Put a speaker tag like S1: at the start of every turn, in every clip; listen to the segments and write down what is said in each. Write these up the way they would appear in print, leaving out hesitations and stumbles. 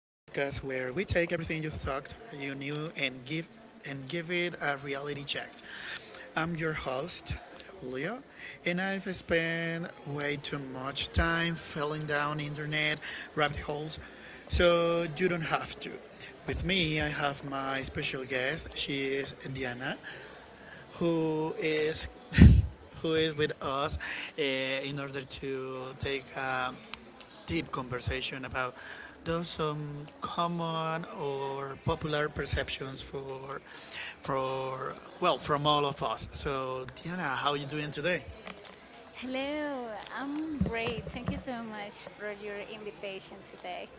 S1: where we take everything you thought you knew and give it a reality check. I'm your host, Julio, and I've spent way too much time falling down internet rabbit holes, so you don't have to. With me, I have my special guest. She is Diana, who is who is with us in order to take a deep conversation about those common or popular perceptions for well, from all of us. So, Diana, how are you doing today?
S2: Hello, I'm great. Thank you so much for your invitation today.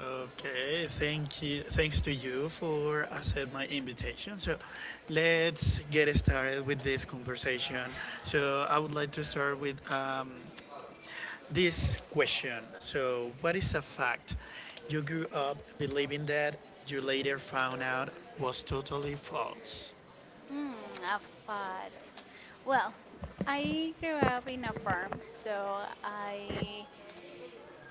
S1: Okay, thank you. Thanks to you for accept my invitation. So, let's get started with this conversation. So, I would like to start with this question. So, what is a fact you grew up believing that you later found out was totally false?
S2: Mm, a fat. Well, I grew up in a farm, so I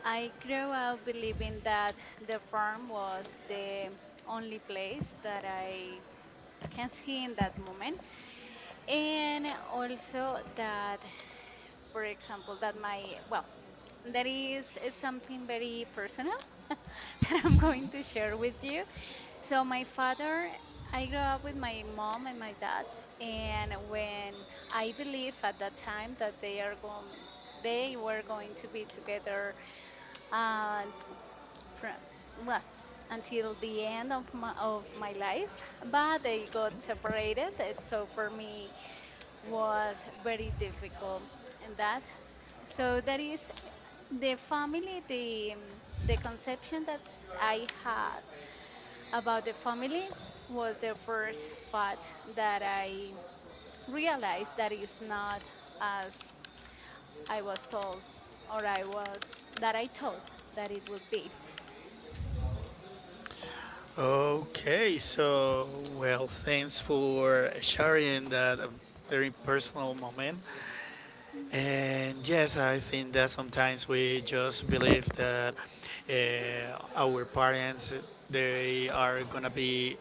S2: I grew up believing that the farm was the only place that I can see in that moment, and also that, for example, that my well, that is something very personal that I'm going to share with you. So my father, I grew up with my mom and my dad, and when I believe at that time that they were going to be together, uh, from well until the end of my life, but they got separated. And so for me was very difficult, and that so that is the family, the conception that I had about the family was the first fact that I realized that is not as I was told or I was that I thought that it would be.
S1: Okay, so, well, thanks for sharing that very personal moment. And yes, I think that sometimes we just believe that our parents they are gonna be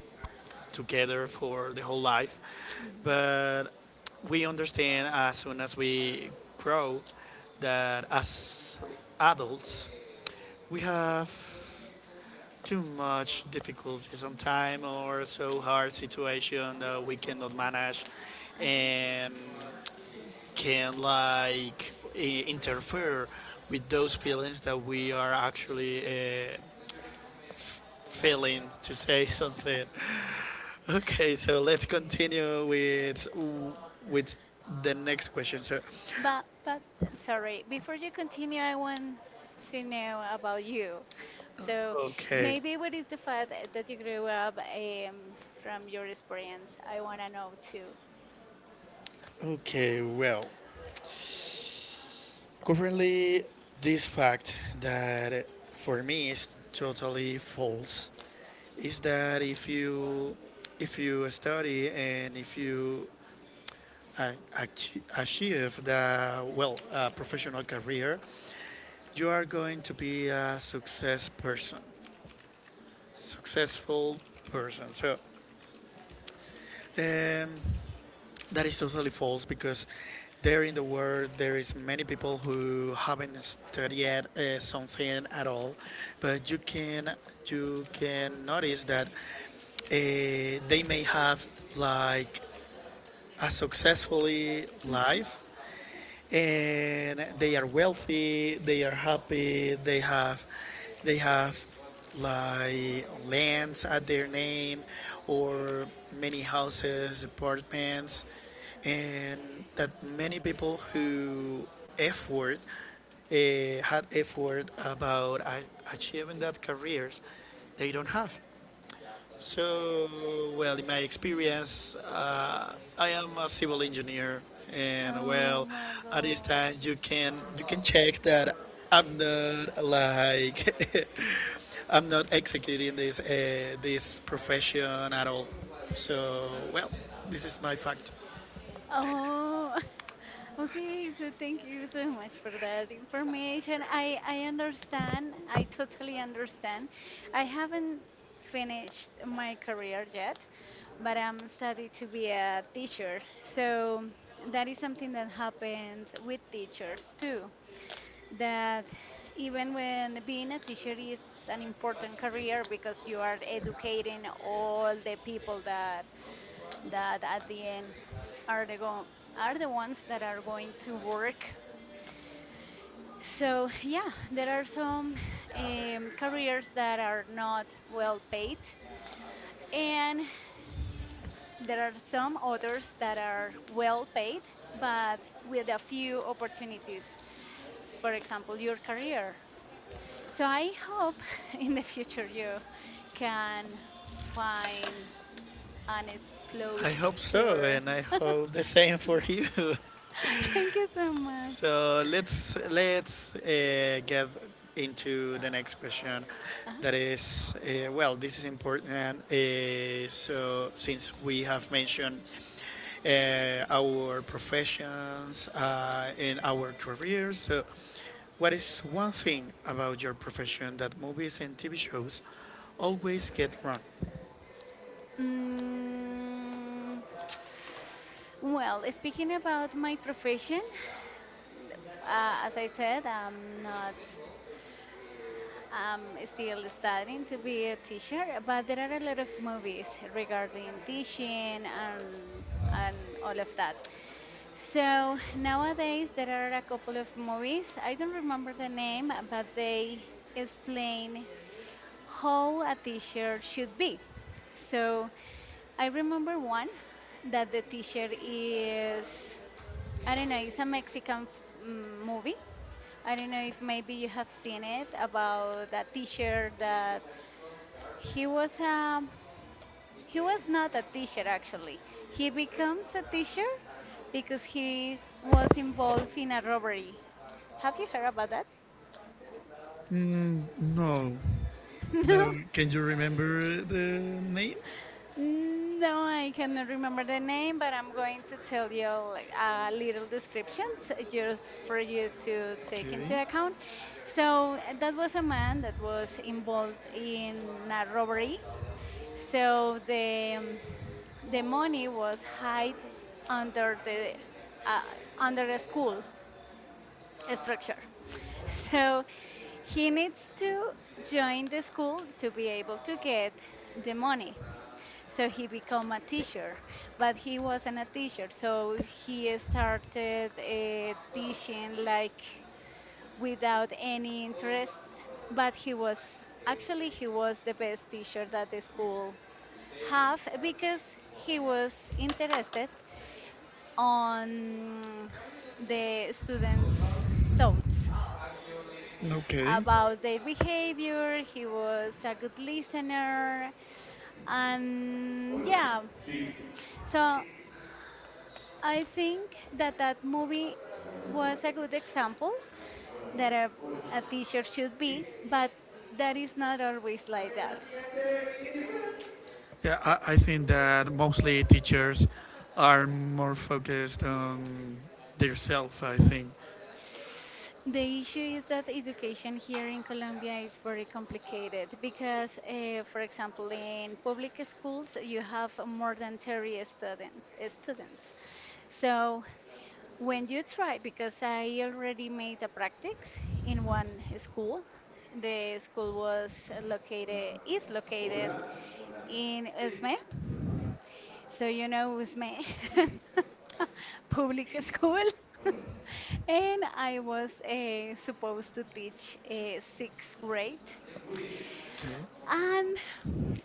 S1: together for the whole life.
S2: Mhm.
S1: But we understand as soon as we grow that as adults we have too much difficulty sometimes or so hard situation that we cannot manage
S2: Uh-huh.
S1: and can like interfere with those feelings that we are actually feeling to say something. Okay, so let's continue with the next question. So,
S2: But sorry, before you continue, I want to know about you. So
S1: okay,
S2: maybe what is the fact that you grew up from your experience? I want to know too.
S1: okay, well, currently this fact that for me is totally false is that if you study and if you achieve the well professional career, you are going to be a successful person. So. Um, That is totally false because there in the world there is many people who haven't studied something at all, but you can notice that they may have like a successfully
S2: Mhm.
S1: life, and they are wealthy, they are happy, they have like lands at their name or many houses apartments, and that many people who effort uh, had effort about achieving that careers they don't have. So, well, in my experience, I am a civil engineer, and
S2: Oh
S1: well,
S2: my
S1: at this
S2: God.
S1: time you can check that I'm not like I'm not executing this profession at all. So, well, this is my fact.
S2: Oh, okay. So thank you so much for that information. I understand. I totally understand. I haven't finished my career yet, but I'm studying to be a teacher. So that is something that happens with teachers too, that even when being a teacher is an important career because you are educating all the people that at the end are the go- are the ones that are going to work. So yeah, there are some careers that are not well paid, and there are some others that are well paid but with a few opportunities. For example, your career. So I hope in the future you can find and explode
S1: I hope so,
S2: your.
S1: and I hope the same for you.
S2: Thank you so much.
S1: So let's get into the next question.
S2: Uh-huh.
S1: That is, well, this is important. So since we have mentioned our professions and our careers, so what is one thing about your profession that movies and TV shows always get wrong?
S2: Mm, well, speaking about my profession, as I said, I'm not. I'm still studying to be a teacher, but there are a lot of movies regarding teaching and all of that. So nowadays there are a couple of movies. I don't remember the name, but they explain how a teacher should be. So I remember one that the teacher is I don't know, it's a Mexican movie I don't know if maybe you have seen it about that teacher that he was um he was not a teacher actually. He becomes a teacher because he was involved in a robbery. Have you heard about that?
S1: Mm, no.
S2: No.
S1: Now, can you remember the name?
S2: No, I cannot remember the name, but I'm going to tell you like a little description just for you to take
S1: Okay.
S2: into account. So that was a man that was involved in a robbery. So the money was hid under the uh, under the school structure. So he needs to join the school to be able to get the money. So he become a teacher, but he wasn't a teacher. So he started teaching like without any interest, but he was actually he was the best teacher that the school half because he was interested on the students' thoughts
S1: Okay.
S2: about their behavior. He was a good listener, and yeah. So I think that that movie was a good example that a teacher should be, but that is not always like that.
S1: Yeah, I think that mostly teachers are more focused on their self, I think.
S2: The issue is that education here in Colombia is very complicated because, for example, in public schools you have more than 30 students. So when you try, because I already made a practice in one school, the school was located is located in Esme. So it was my public school, and I was supposed to teach sixth grade.
S1: Okay.
S2: And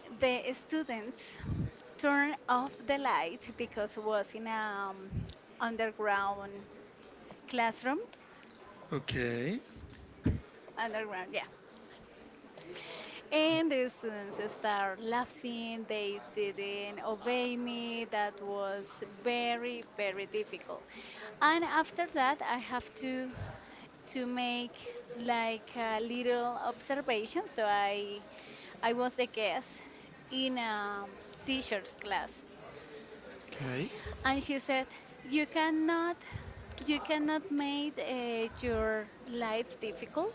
S2: the students turned off the light because it was in an underground classroom.
S1: Okay.
S2: Underground, yeah. And the students start laughing. They didn't obey me. That was very, very difficult. And after that, I have to make like a little observation. So I was the guest in a teacher's class,
S1: Okay.
S2: and she said you cannot make your life difficult,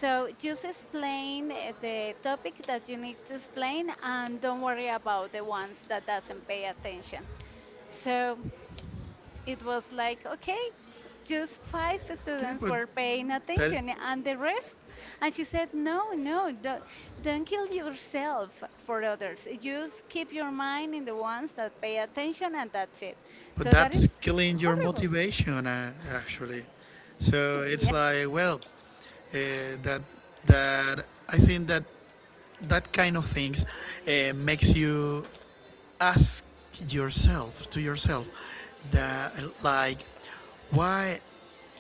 S2: so just explain, the topic that you need to explain, and don't worry about the ones that doesn't pay attention. So it was like, okay, just five
S1: Okay,
S2: students were paying
S1: that
S2: attention, and the rest. And she said, no no don't kill yourself for others, just keep your mind in the ones that pay attention, and that's it.
S1: but
S2: So that is
S1: that's killing your
S2: horrible.
S1: motivation actually. So it's
S2: Yeah.
S1: like, well, that that I think that that kind of things makes you ask yourself that like why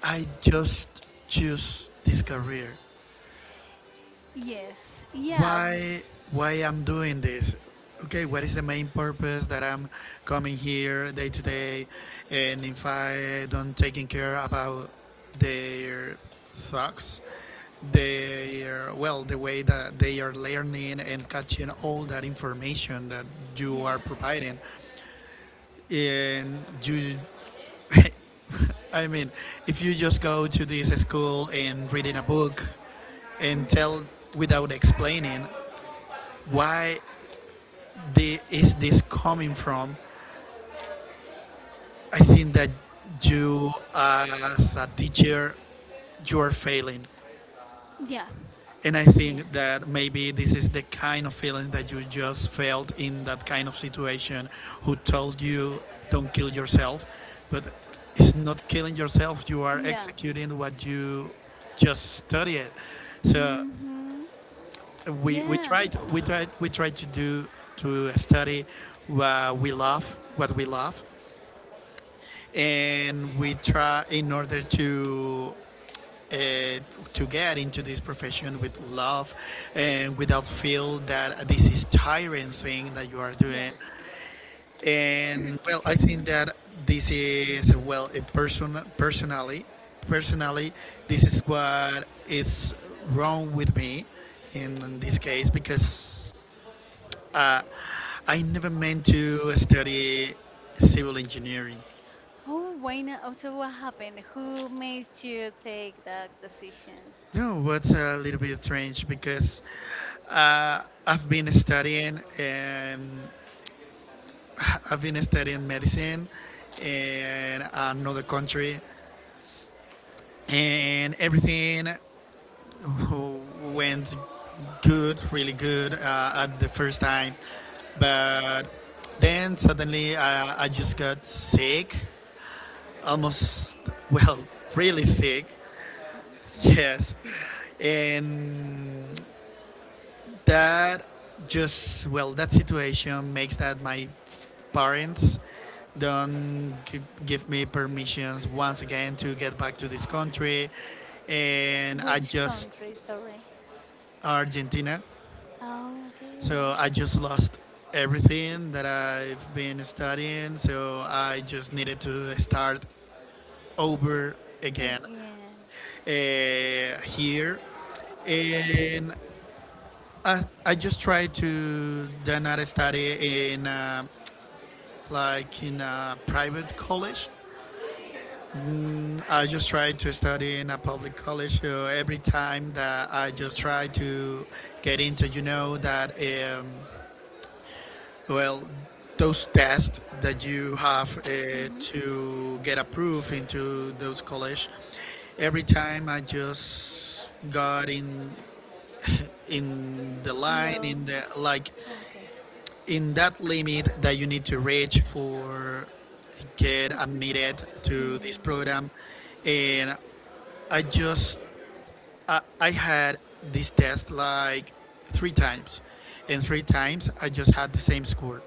S1: I just choose this career,
S2: Yes. Yeah.
S1: why why I'm doing this, okay, what is the main purpose that I'm coming here day to day, and if I don't taking care about their thoughts, they are, well, the way that they are learning and catching all that information that you are
S2: Yeah.
S1: providing. And you I mean, if you just go to this school and reading a book and tell without explaining why is this coming from, I think that you as a teacher you are failing.
S2: Yeah.
S1: And I
S2: Yes.
S1: think that maybe this is the kind of feeling that you just felt in that kind of situation who told you don't kill yourself, but it's not killing yourself, you are
S2: Yeah.
S1: executing what you just studied. So
S2: Hmm.
S1: we, we
S2: Yeah.
S1: tried we try we try to do to study what we love, what we love, and we try in order uh, to get into this profession with love and without feel that this is tiring.
S2: Yeah.
S1: And well, I think that this is well personally, personally, this is what is wrong with me in this case because I never meant to study civil engineering.
S2: Oh, why not? Oh, so, what happened? Who made you take that decision?
S1: No, a little bit strange because I've in, been studying in another country and everything went good, really good at the first time. But then suddenly I just got sick, almost, well, really sick, yes. And that just will make my parents don't gi- give me permissions once again to get back to this country, and I
S2: Which
S1: just.
S2: country? Sorry.
S1: Argentina.
S2: Oh, okay.
S1: So I just lost everything that I've been studying. So I just needed to start over again,
S2: Again.
S1: here. And I just did not study in like in a private college. I just tried to study in a public college. So every time that I just tried to get into, you know, that um, well, those tests that you have
S2: Mm-hmm.
S1: to get approved into those college, every time I just got in the line
S2: Low.
S1: in the like
S2: Okay.
S1: in that limit that you need to reach for get
S2: To.
S1: admitted to this
S2: Hmm.
S1: program, and I just I had this test like three times, and three times I just had the same score.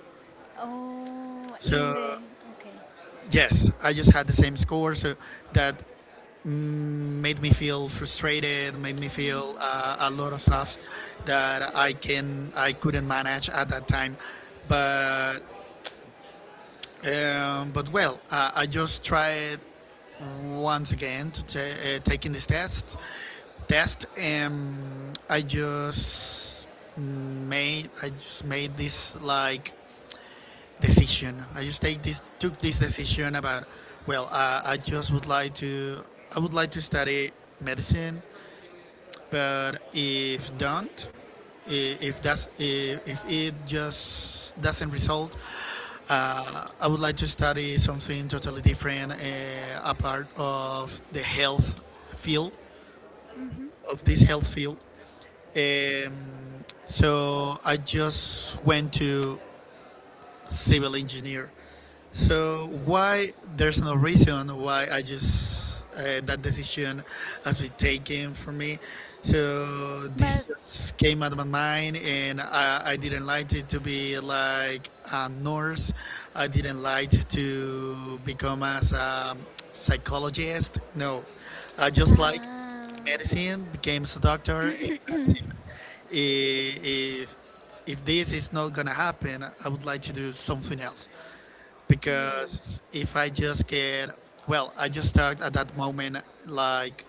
S2: Oh, in
S1: So.
S2: the. Okay.
S1: Yes, I just had the same score, so that made me feel frustrated, made me feel
S2: Mm.
S1: a lot of stuff that I can I couldn't manage at that time. But well, I just tried once again to taking this test. Test, and I just made this like decision. I just take this took this decision about well, I just would like to. I would like to study medicine, but if don't, if that's if it just doesn't result, I would like to study something totally different, a part of the health field
S2: Mm-hmm.
S1: of this health field. Um, so I just went to civil engineer. So why there's no reason why I just that decision has been taken for me. So this
S2: But
S1: just came out of my mind, and I didn't like it to be like a nurse. I didn't like to become as a psychologist. No, I just like
S2: ah,
S1: medicine, became a doctor, and that's it. I- If if this is not gonna happen, I would like to do something else
S2: yeah,
S1: because if I just get well, I just start at that moment like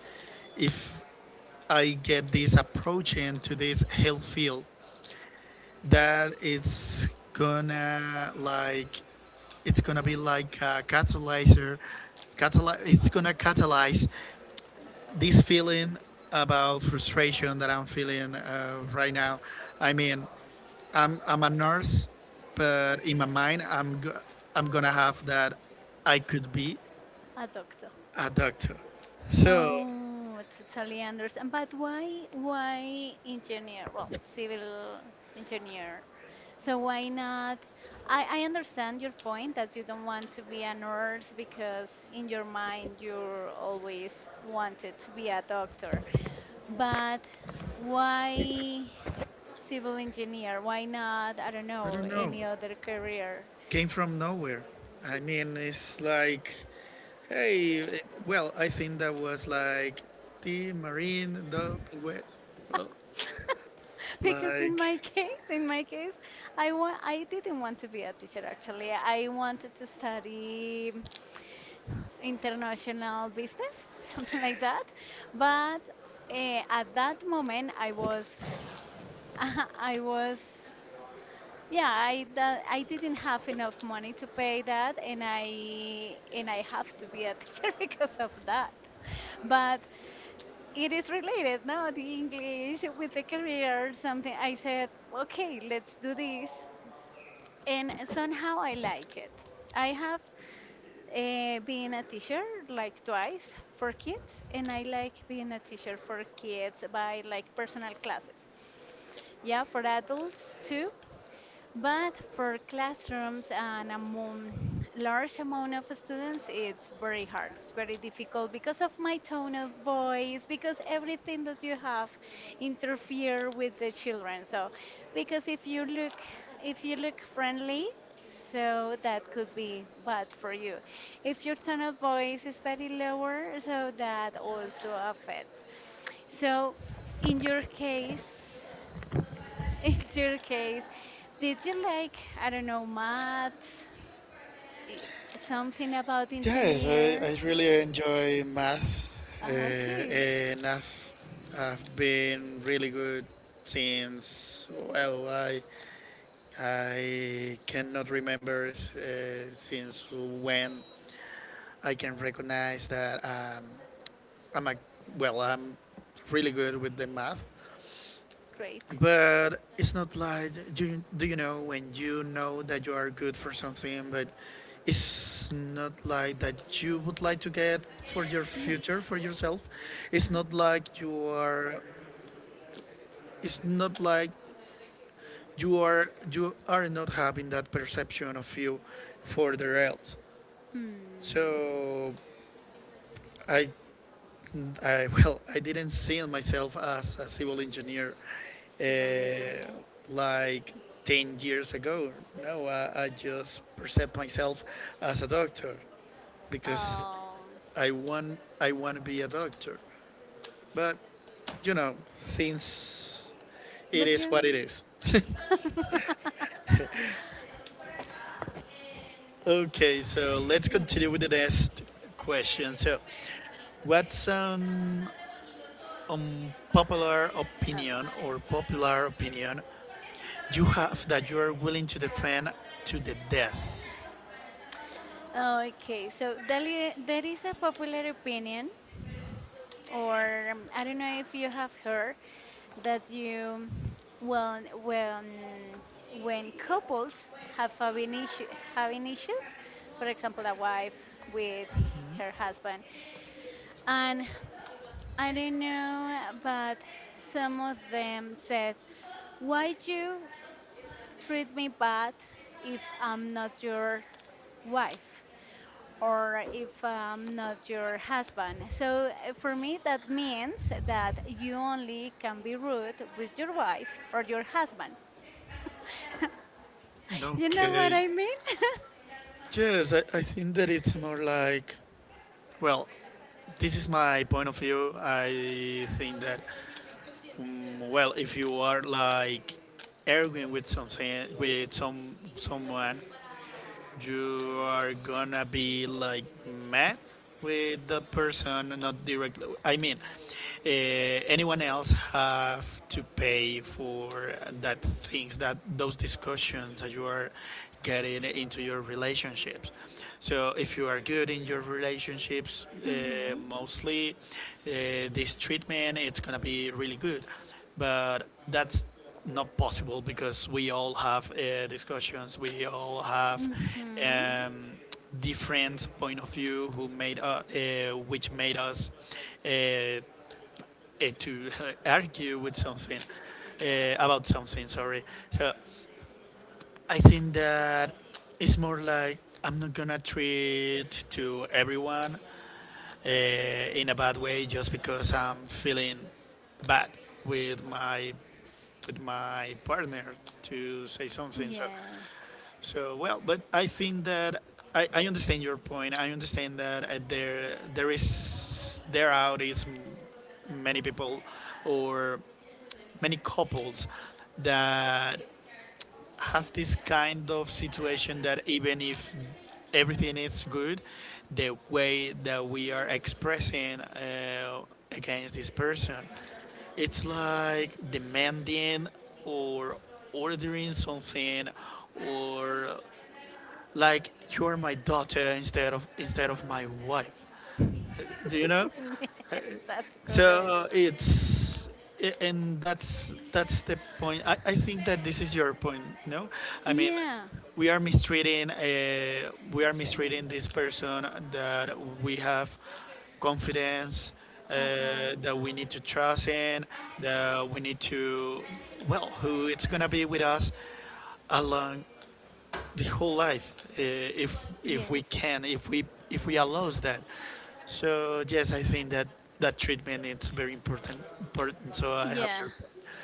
S1: if I get this approach into this health field that it's gonna like it's gonna be like a catalyzer it's gonna catalyze this feeling about frustration that I'm feeling right now. I mean, I'm a nurse, but in my mind, I'm gonna have that I could be
S2: a doctor.
S1: a doctor. So
S2: Oh, I totally understand. But why engineer? Well, civil engineer. So why not? I understand your point that you don't want to be a nurse because in your mind you always wanted to be a doctor. But why civil engineer? Why not, I don't
S1: I
S2: know,
S1: don't know.
S2: any other career?
S1: Came from nowhere. I mean, it's like, hey, well, I think that was like the Marine, the West.
S2: Because in
S1: Like,
S2: my case, in my case, I didn't want to be a teacher actually. I wanted to study international business, something like that. But at that moment, I was I was Yeah, I didn't have enough money to pay that, and I have to be a teacher because of that. But it is related, no? The English with the career, or something. I said, okay, let's do this, and somehow I like it. I have been a teacher like twice for kids, and I like being a teacher for kids by like personal classes. Yeah, for adults too. But for classrooms and among large amount of students, it's very hard. It's very difficult because of my tone of voice, because everything that you have interfere with the children. So, because if you look friendly, so that could be bad for you. If your tone of voice is very lower, so that also affects. So, in your case. In your case, did you like, I don't know, maths? I- Something about
S1: yes, I,
S2: engineer?
S1: I really enjoy maths,
S2: Ah, okay,
S1: and I've been really good since, well, I cannot remember since when I can recognize that. I'm like, well, I'm really good with the math,
S2: great.
S1: but it's not like do you know when you know that you are good for something, but it's not like that you would like to get for your
S2: Yeah.
S1: future for yourself. It's not like you are. It's not like you are not having that perception of you for the else.
S2: Hmm.
S1: So I well, I didn't see myself as a civil engineer uh,
S2: Civil engineer.
S1: like 10 years ago. No, I just perceived myself as a doctor because
S2: Oh,
S1: I want to be a doctor. But, you know, things, it
S2: but
S1: is
S2: you.
S1: what it is. Okay, so let's
S2: Same.
S1: continue with the next question. So, what's popular
S2: Okay.
S1: opinion or popular opinion you have that you are willing to defend to the death?
S2: Okay, so there is a popular opinion, or I don't know if you have heard that you, well, when couples have having issue, having issues, for example, a wife with her husband, and I don't know, but some of them said, "Why you treat me bad if I'm not your wife?" Or if I'm not your husband. So for me, that means that you only can be rude with your wife or your husband. You know what
S1: Okay.
S2: I mean?
S1: Yes, I think that it's more like, well, this is my point of view. I think that, mm, well, if you are like arguing with something, with someone, you are gonna be like mad with that person not directly. I mean, anyone else have to pay for that things that those discussions that you are getting into your relationships. So if you are good in your relationships
S2: Hmm.
S1: mostly this treatment it's gonna be really good, but that's not possible because we all have discussions, we all have
S2: Mhm.
S1: um, different point of view who made which made us uh, uh, to argue with something about something, sorry. So I think that it's more like I'm not gonna treat to everyone in a bad way just because I'm feeling bad with my partner, to say something. So.
S2: Yes.
S1: So well, but I think that I understand your point. I understand that there there is there out is many people or many couples that have this kind of situation that even if everything is good, the way that we are expressing against this person, it's like demanding or ordering something or like you are my daughter instead of my wife do you know
S2: Yes, that's correct.
S1: So it's and that's the point. I think that this is your point, no? I mean,
S2: Yeah,
S1: we are mistreating
S2: it's for.
S1: this person that we have confidence,
S2: Uh huh.
S1: that we need to trust in, that we need to, well, who it's gonna be with us along the whole life. If if
S2: Yes.
S1: we can if we, if we allows that. So yes, I think that that treatment is very important, so I have
S2: Yeah.
S1: to,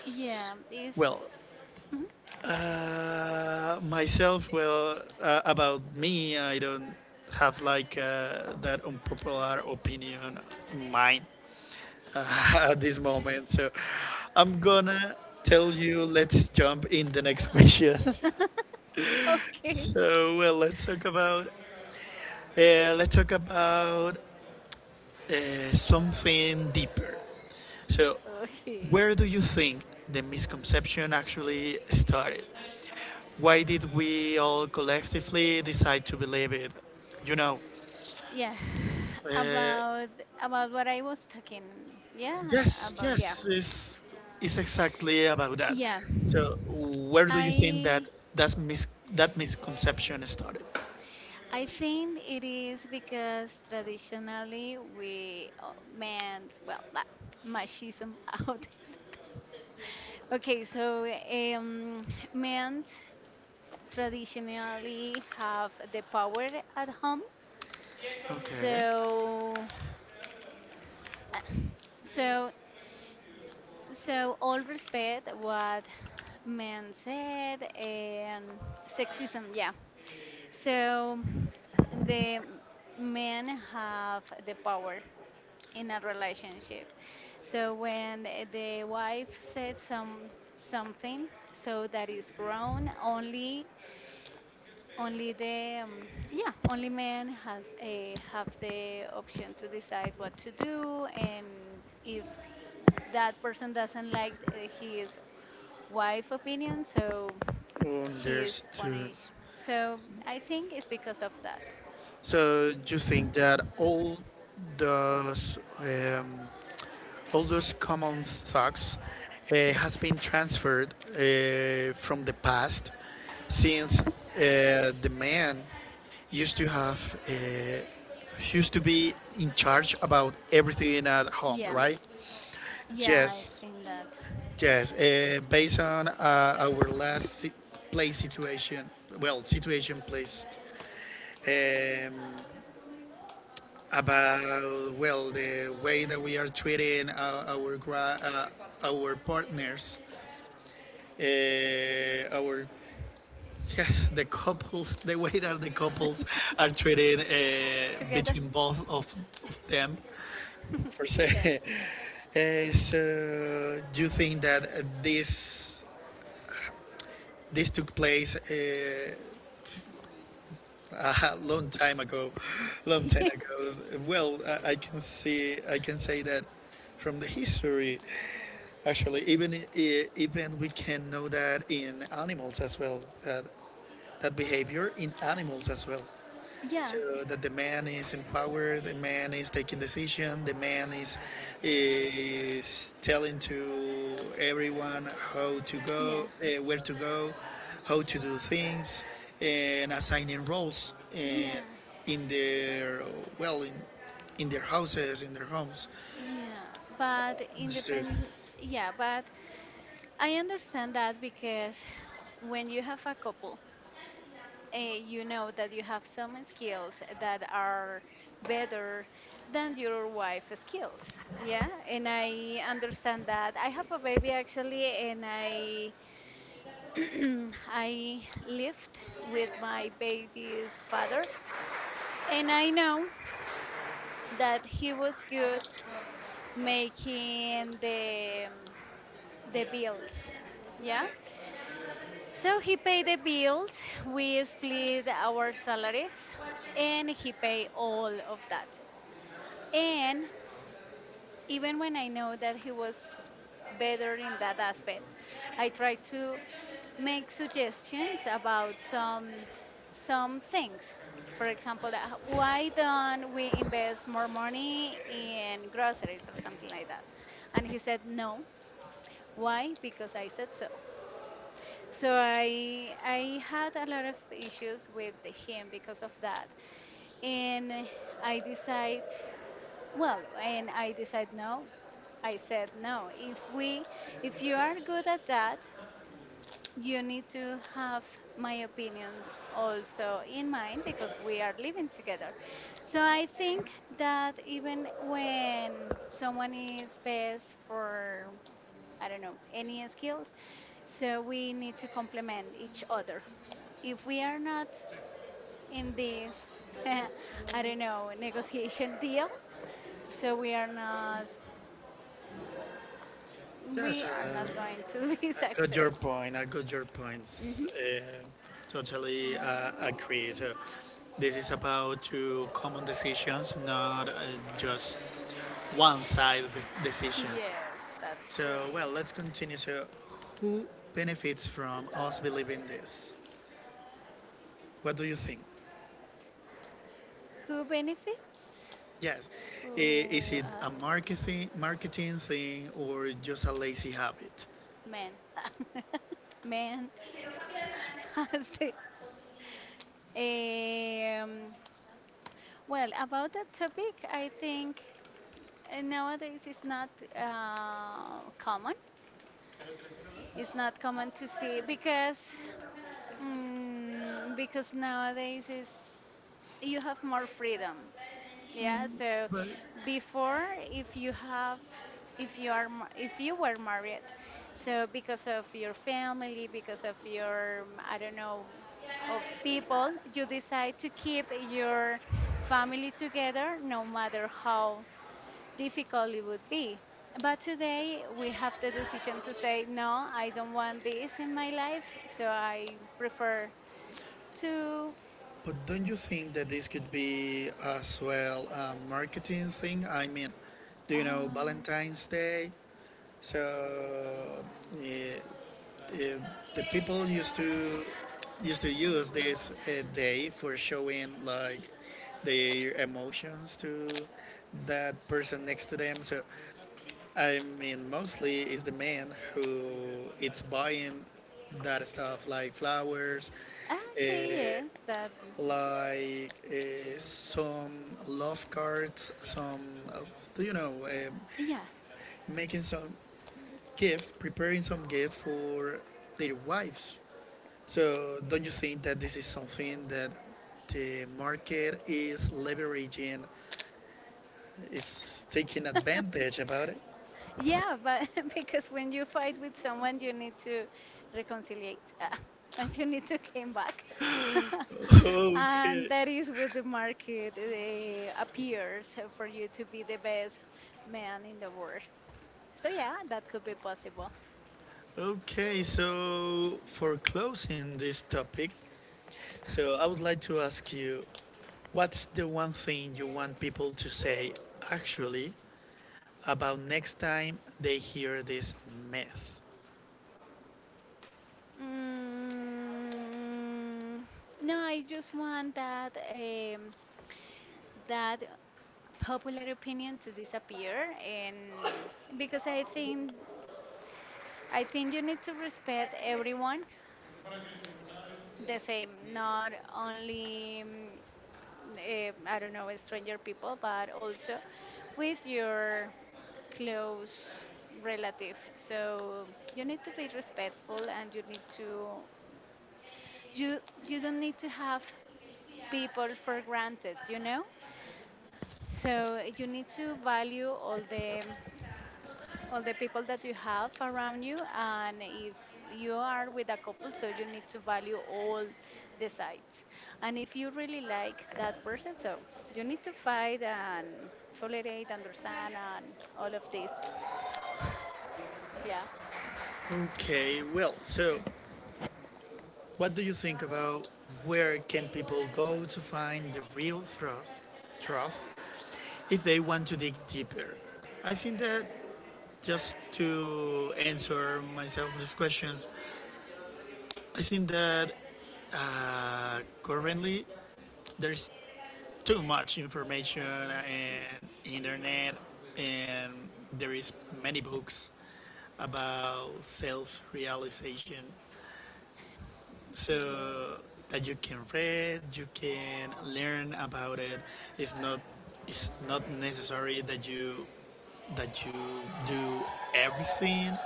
S2: Yeah. It's.
S1: well.
S2: Mhm.
S1: Myself, well, about me, I don't have like that unpopular opinion mine, at this moment, so I'm gonna tell you, let's jump in the next question.
S2: Okay.
S1: So well, let's talk about, let's talk about, something deeper. So,
S2: Okay.
S1: where do you think the misconception actually started? Why did we all collectively decide to believe it? You know,
S2: Yeah.
S1: uh,
S2: About about what I was talking. Yeah.
S1: yes,
S2: About yeah.
S1: yes, it's exactly about that.
S2: Yeah.
S1: So, where do you think that
S2: I
S1: that's mis- that misconception started?
S2: I think it is because traditionally we meant well that machismo out. Okay, so um, men traditionally have the power at home.
S1: Okay,
S2: So uh, so So all respect what men said and sexism, yeah. So the men have the power in a relationship. So when the wife said something, so that is grown only the yeah, only men has a have the option to decide what to do, and if that person doesn't like his wife opinion, so she is
S1: understood.
S2: punished. So I think it's because of that.
S1: So, you think that those um, all those common thoughts has been transferred from the past, since the man used to have, used to be in charge about everything at home,
S2: Yeah,
S1: right?
S2: yeah, I
S1: Yes,
S2: think that.
S1: yes, based on our last play situation, well, situation placed, um, about, well, the way that we are treating our partners, our, yes, the couples, the way that the couples are treated
S2: Together.
S1: between both of them per se.
S2: Yeah.
S1: Is, do you think that this, this took place a long time ago, long time
S2: Yes.
S1: ago? Well, I can see, I can say that from the history, actually. Even even we can know that in animals as well, that, that behavior in animals as well.
S2: Yeah,
S1: So that the man is empowered, the man is taking decision, the man is telling to everyone how to
S2: yeah,
S1: go, where to go, how to do things, and assigning roles
S2: yeah,
S1: in their, well, in their houses, in their homes.
S2: yeah. But
S1: So
S2: independent, yeah, but I understand that because when you have a couple, you know that you have some skills that are better than your wife's skills. Yeah, and I understand that. I have a baby actually, and I I lived with my baby's father, and I know that he was good making the bills. Yeah. So he paid the bills. We split our salaries, and he paid all of that. And even when I know that he was better in that aspect, I try to make suggestions about some things. For example, why don't we invest more money in groceries or something like that? And he said no. Why? Because I said so. So I had a lot of issues with him because of that. And I decide well, and I decide no. I said no. If you are good at that, you need to have my opinions also in mind because we are living together. So I think that even when someone is best for, I don't know, any skills, so we need to complement each other. If we are not in this, I don't know, negotiation deal, so we are not,
S1: yes,
S2: we are not going to be
S1: got
S2: success.
S1: your point. I got your points.
S2: Hmm.
S1: Totally agree. So this is about two common decisions, not just one side of this decision.
S2: Yes, that's
S1: So
S2: true.
S1: well, let's continue. So who benefits from us believing this? What do you think?
S2: Who benefits?
S1: Yes, is
S2: Who
S1: it a
S2: us?
S1: marketing thing or just a lazy habit?
S2: Men. Men. I see. Um, well, about that topic, I think nowadays it's not common. It's not common to see because because nowadays is you have more freedom. Yeah, so before if you have if you are ma- if you were married, so because of your family, because of your I don't know of people, you decide to keep your family together no matter how difficult it would be. But today we have the decision to say no, I don't want this in my life, so I prefer to
S1: But don't you think that this could be as well a marketing thing? I mean, do you know
S2: uh,
S1: Valentine's Day? So, eh, eh, the people used to, used to use this day for showing like their emotions to that person next to them. So I mean, mostly it's the man who it's buying that stuff like flowers, uh,
S2: Okay, yes, that.
S1: like some love cards, some, you know,
S2: Yeah,
S1: making some gifts, preparing some gifts for their wives. So, don't you think that this is something that the market is leveraging, is taking advantage about it?
S2: yeah, but because when you fight with someone, you need to reconciliate, and you need to came back. And
S1: Okay,
S2: that is where the market appears for you to be the best man in the world. So yeah, that could be possible.
S1: okay. So, for closing this topic, so I would like to ask you, what's the one thing you want people to say actually about next time they hear this myth.
S2: Mm, no, I just want that that popular opinion to disappear, and because I think you need to respect everyone the same, not only I don't know stranger people, but also with your close relative. So you need to be respectful, and you you don't need to have people for granted. So you need to value all the people that you have around you. And if you are with a couple, so you need to value all the sides. And if you really like that person, so you need to fight and tolerate, understand, and all of this. Yeah.
S1: Okay, well, so what do you think about where can people go to find the real truth, truth, if they want to dig deeper? I think that, just to answer myself these questions,
S2: Yeah, I.
S1: I think that currently there's too much information
S2: Yeah,
S1: and internet, and there is many books about self-realization,
S2: she did.
S1: so that you can read, you can learn about it. It's not, it's not necessary that you, that you do everything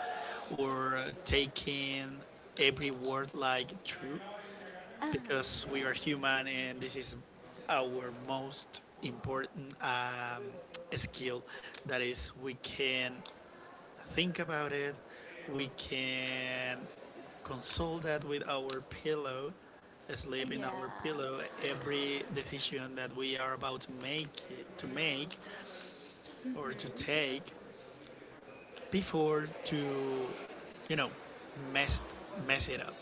S1: or taking every word like true,
S2: Ah,
S1: because we are human and this is our most important skill, that is we can think about it, we can console that with our pillow,
S2: like
S1: sleep in our
S2: yeah.
S1: pillow every decision that we are about to make
S2: To.
S1: or to
S2: Mhm.
S1: take, before to, you know, mess mess it up.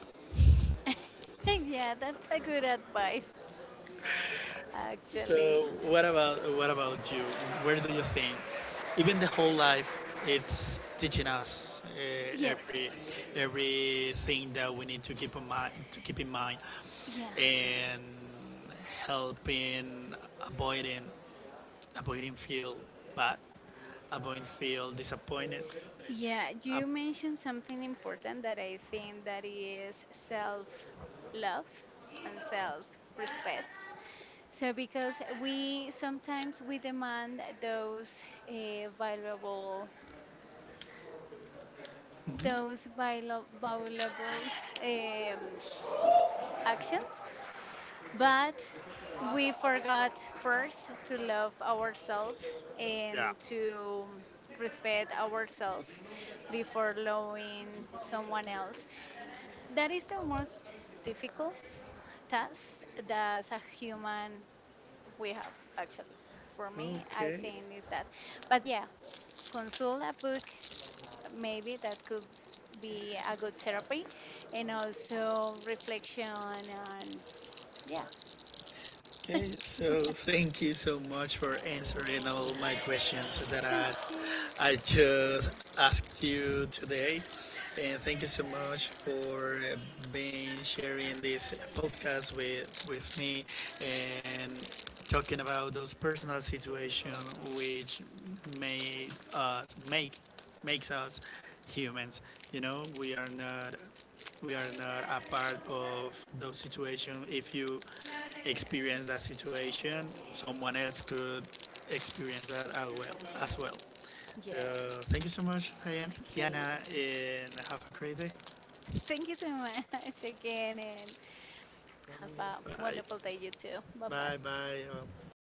S2: Yeah, that's a good advice, actually.
S1: So what about, what about you? Where do you think? Even the whole life, it's teaching us
S2: Yes.
S1: every, everything that we need to keep in mind,
S2: Yeah.
S1: and helping avoiding avoiding feel bad, avoiding feel disappointed.
S2: Yeah,
S1: Uh,
S2: you mentioned something important that I think that is self-love and self-respect. So because we sometimes we demand those uh, valuable valuable um, actions. But we forgot first to love ourselves
S1: yeah.
S2: and to respect ourselves before loving someone else. That is the most difficult task that as a human we have actually. For me, I
S1: Okay.
S2: think is that. But yeah, consult a book maybe that could be a good therapy and also reflection and yeah.
S1: Okay, so thank you so much for answering all my questions that
S2: Okay.
S1: I just asked you today. And thank you so much for being sharing this podcast with me and talking about those personal situations which may us make makes us humans. You know, we are not, we are not a part of those situations. If you experience that situation, someone else could experience that as well. As well.
S2: Yeah.
S1: So thank you so much,
S2: Okay.
S1: Diana, and have a great day.
S2: Thank you so much again, and have a
S1: Bye.
S2: wonderful day, you too. Bye bye.
S1: Bye. Bye.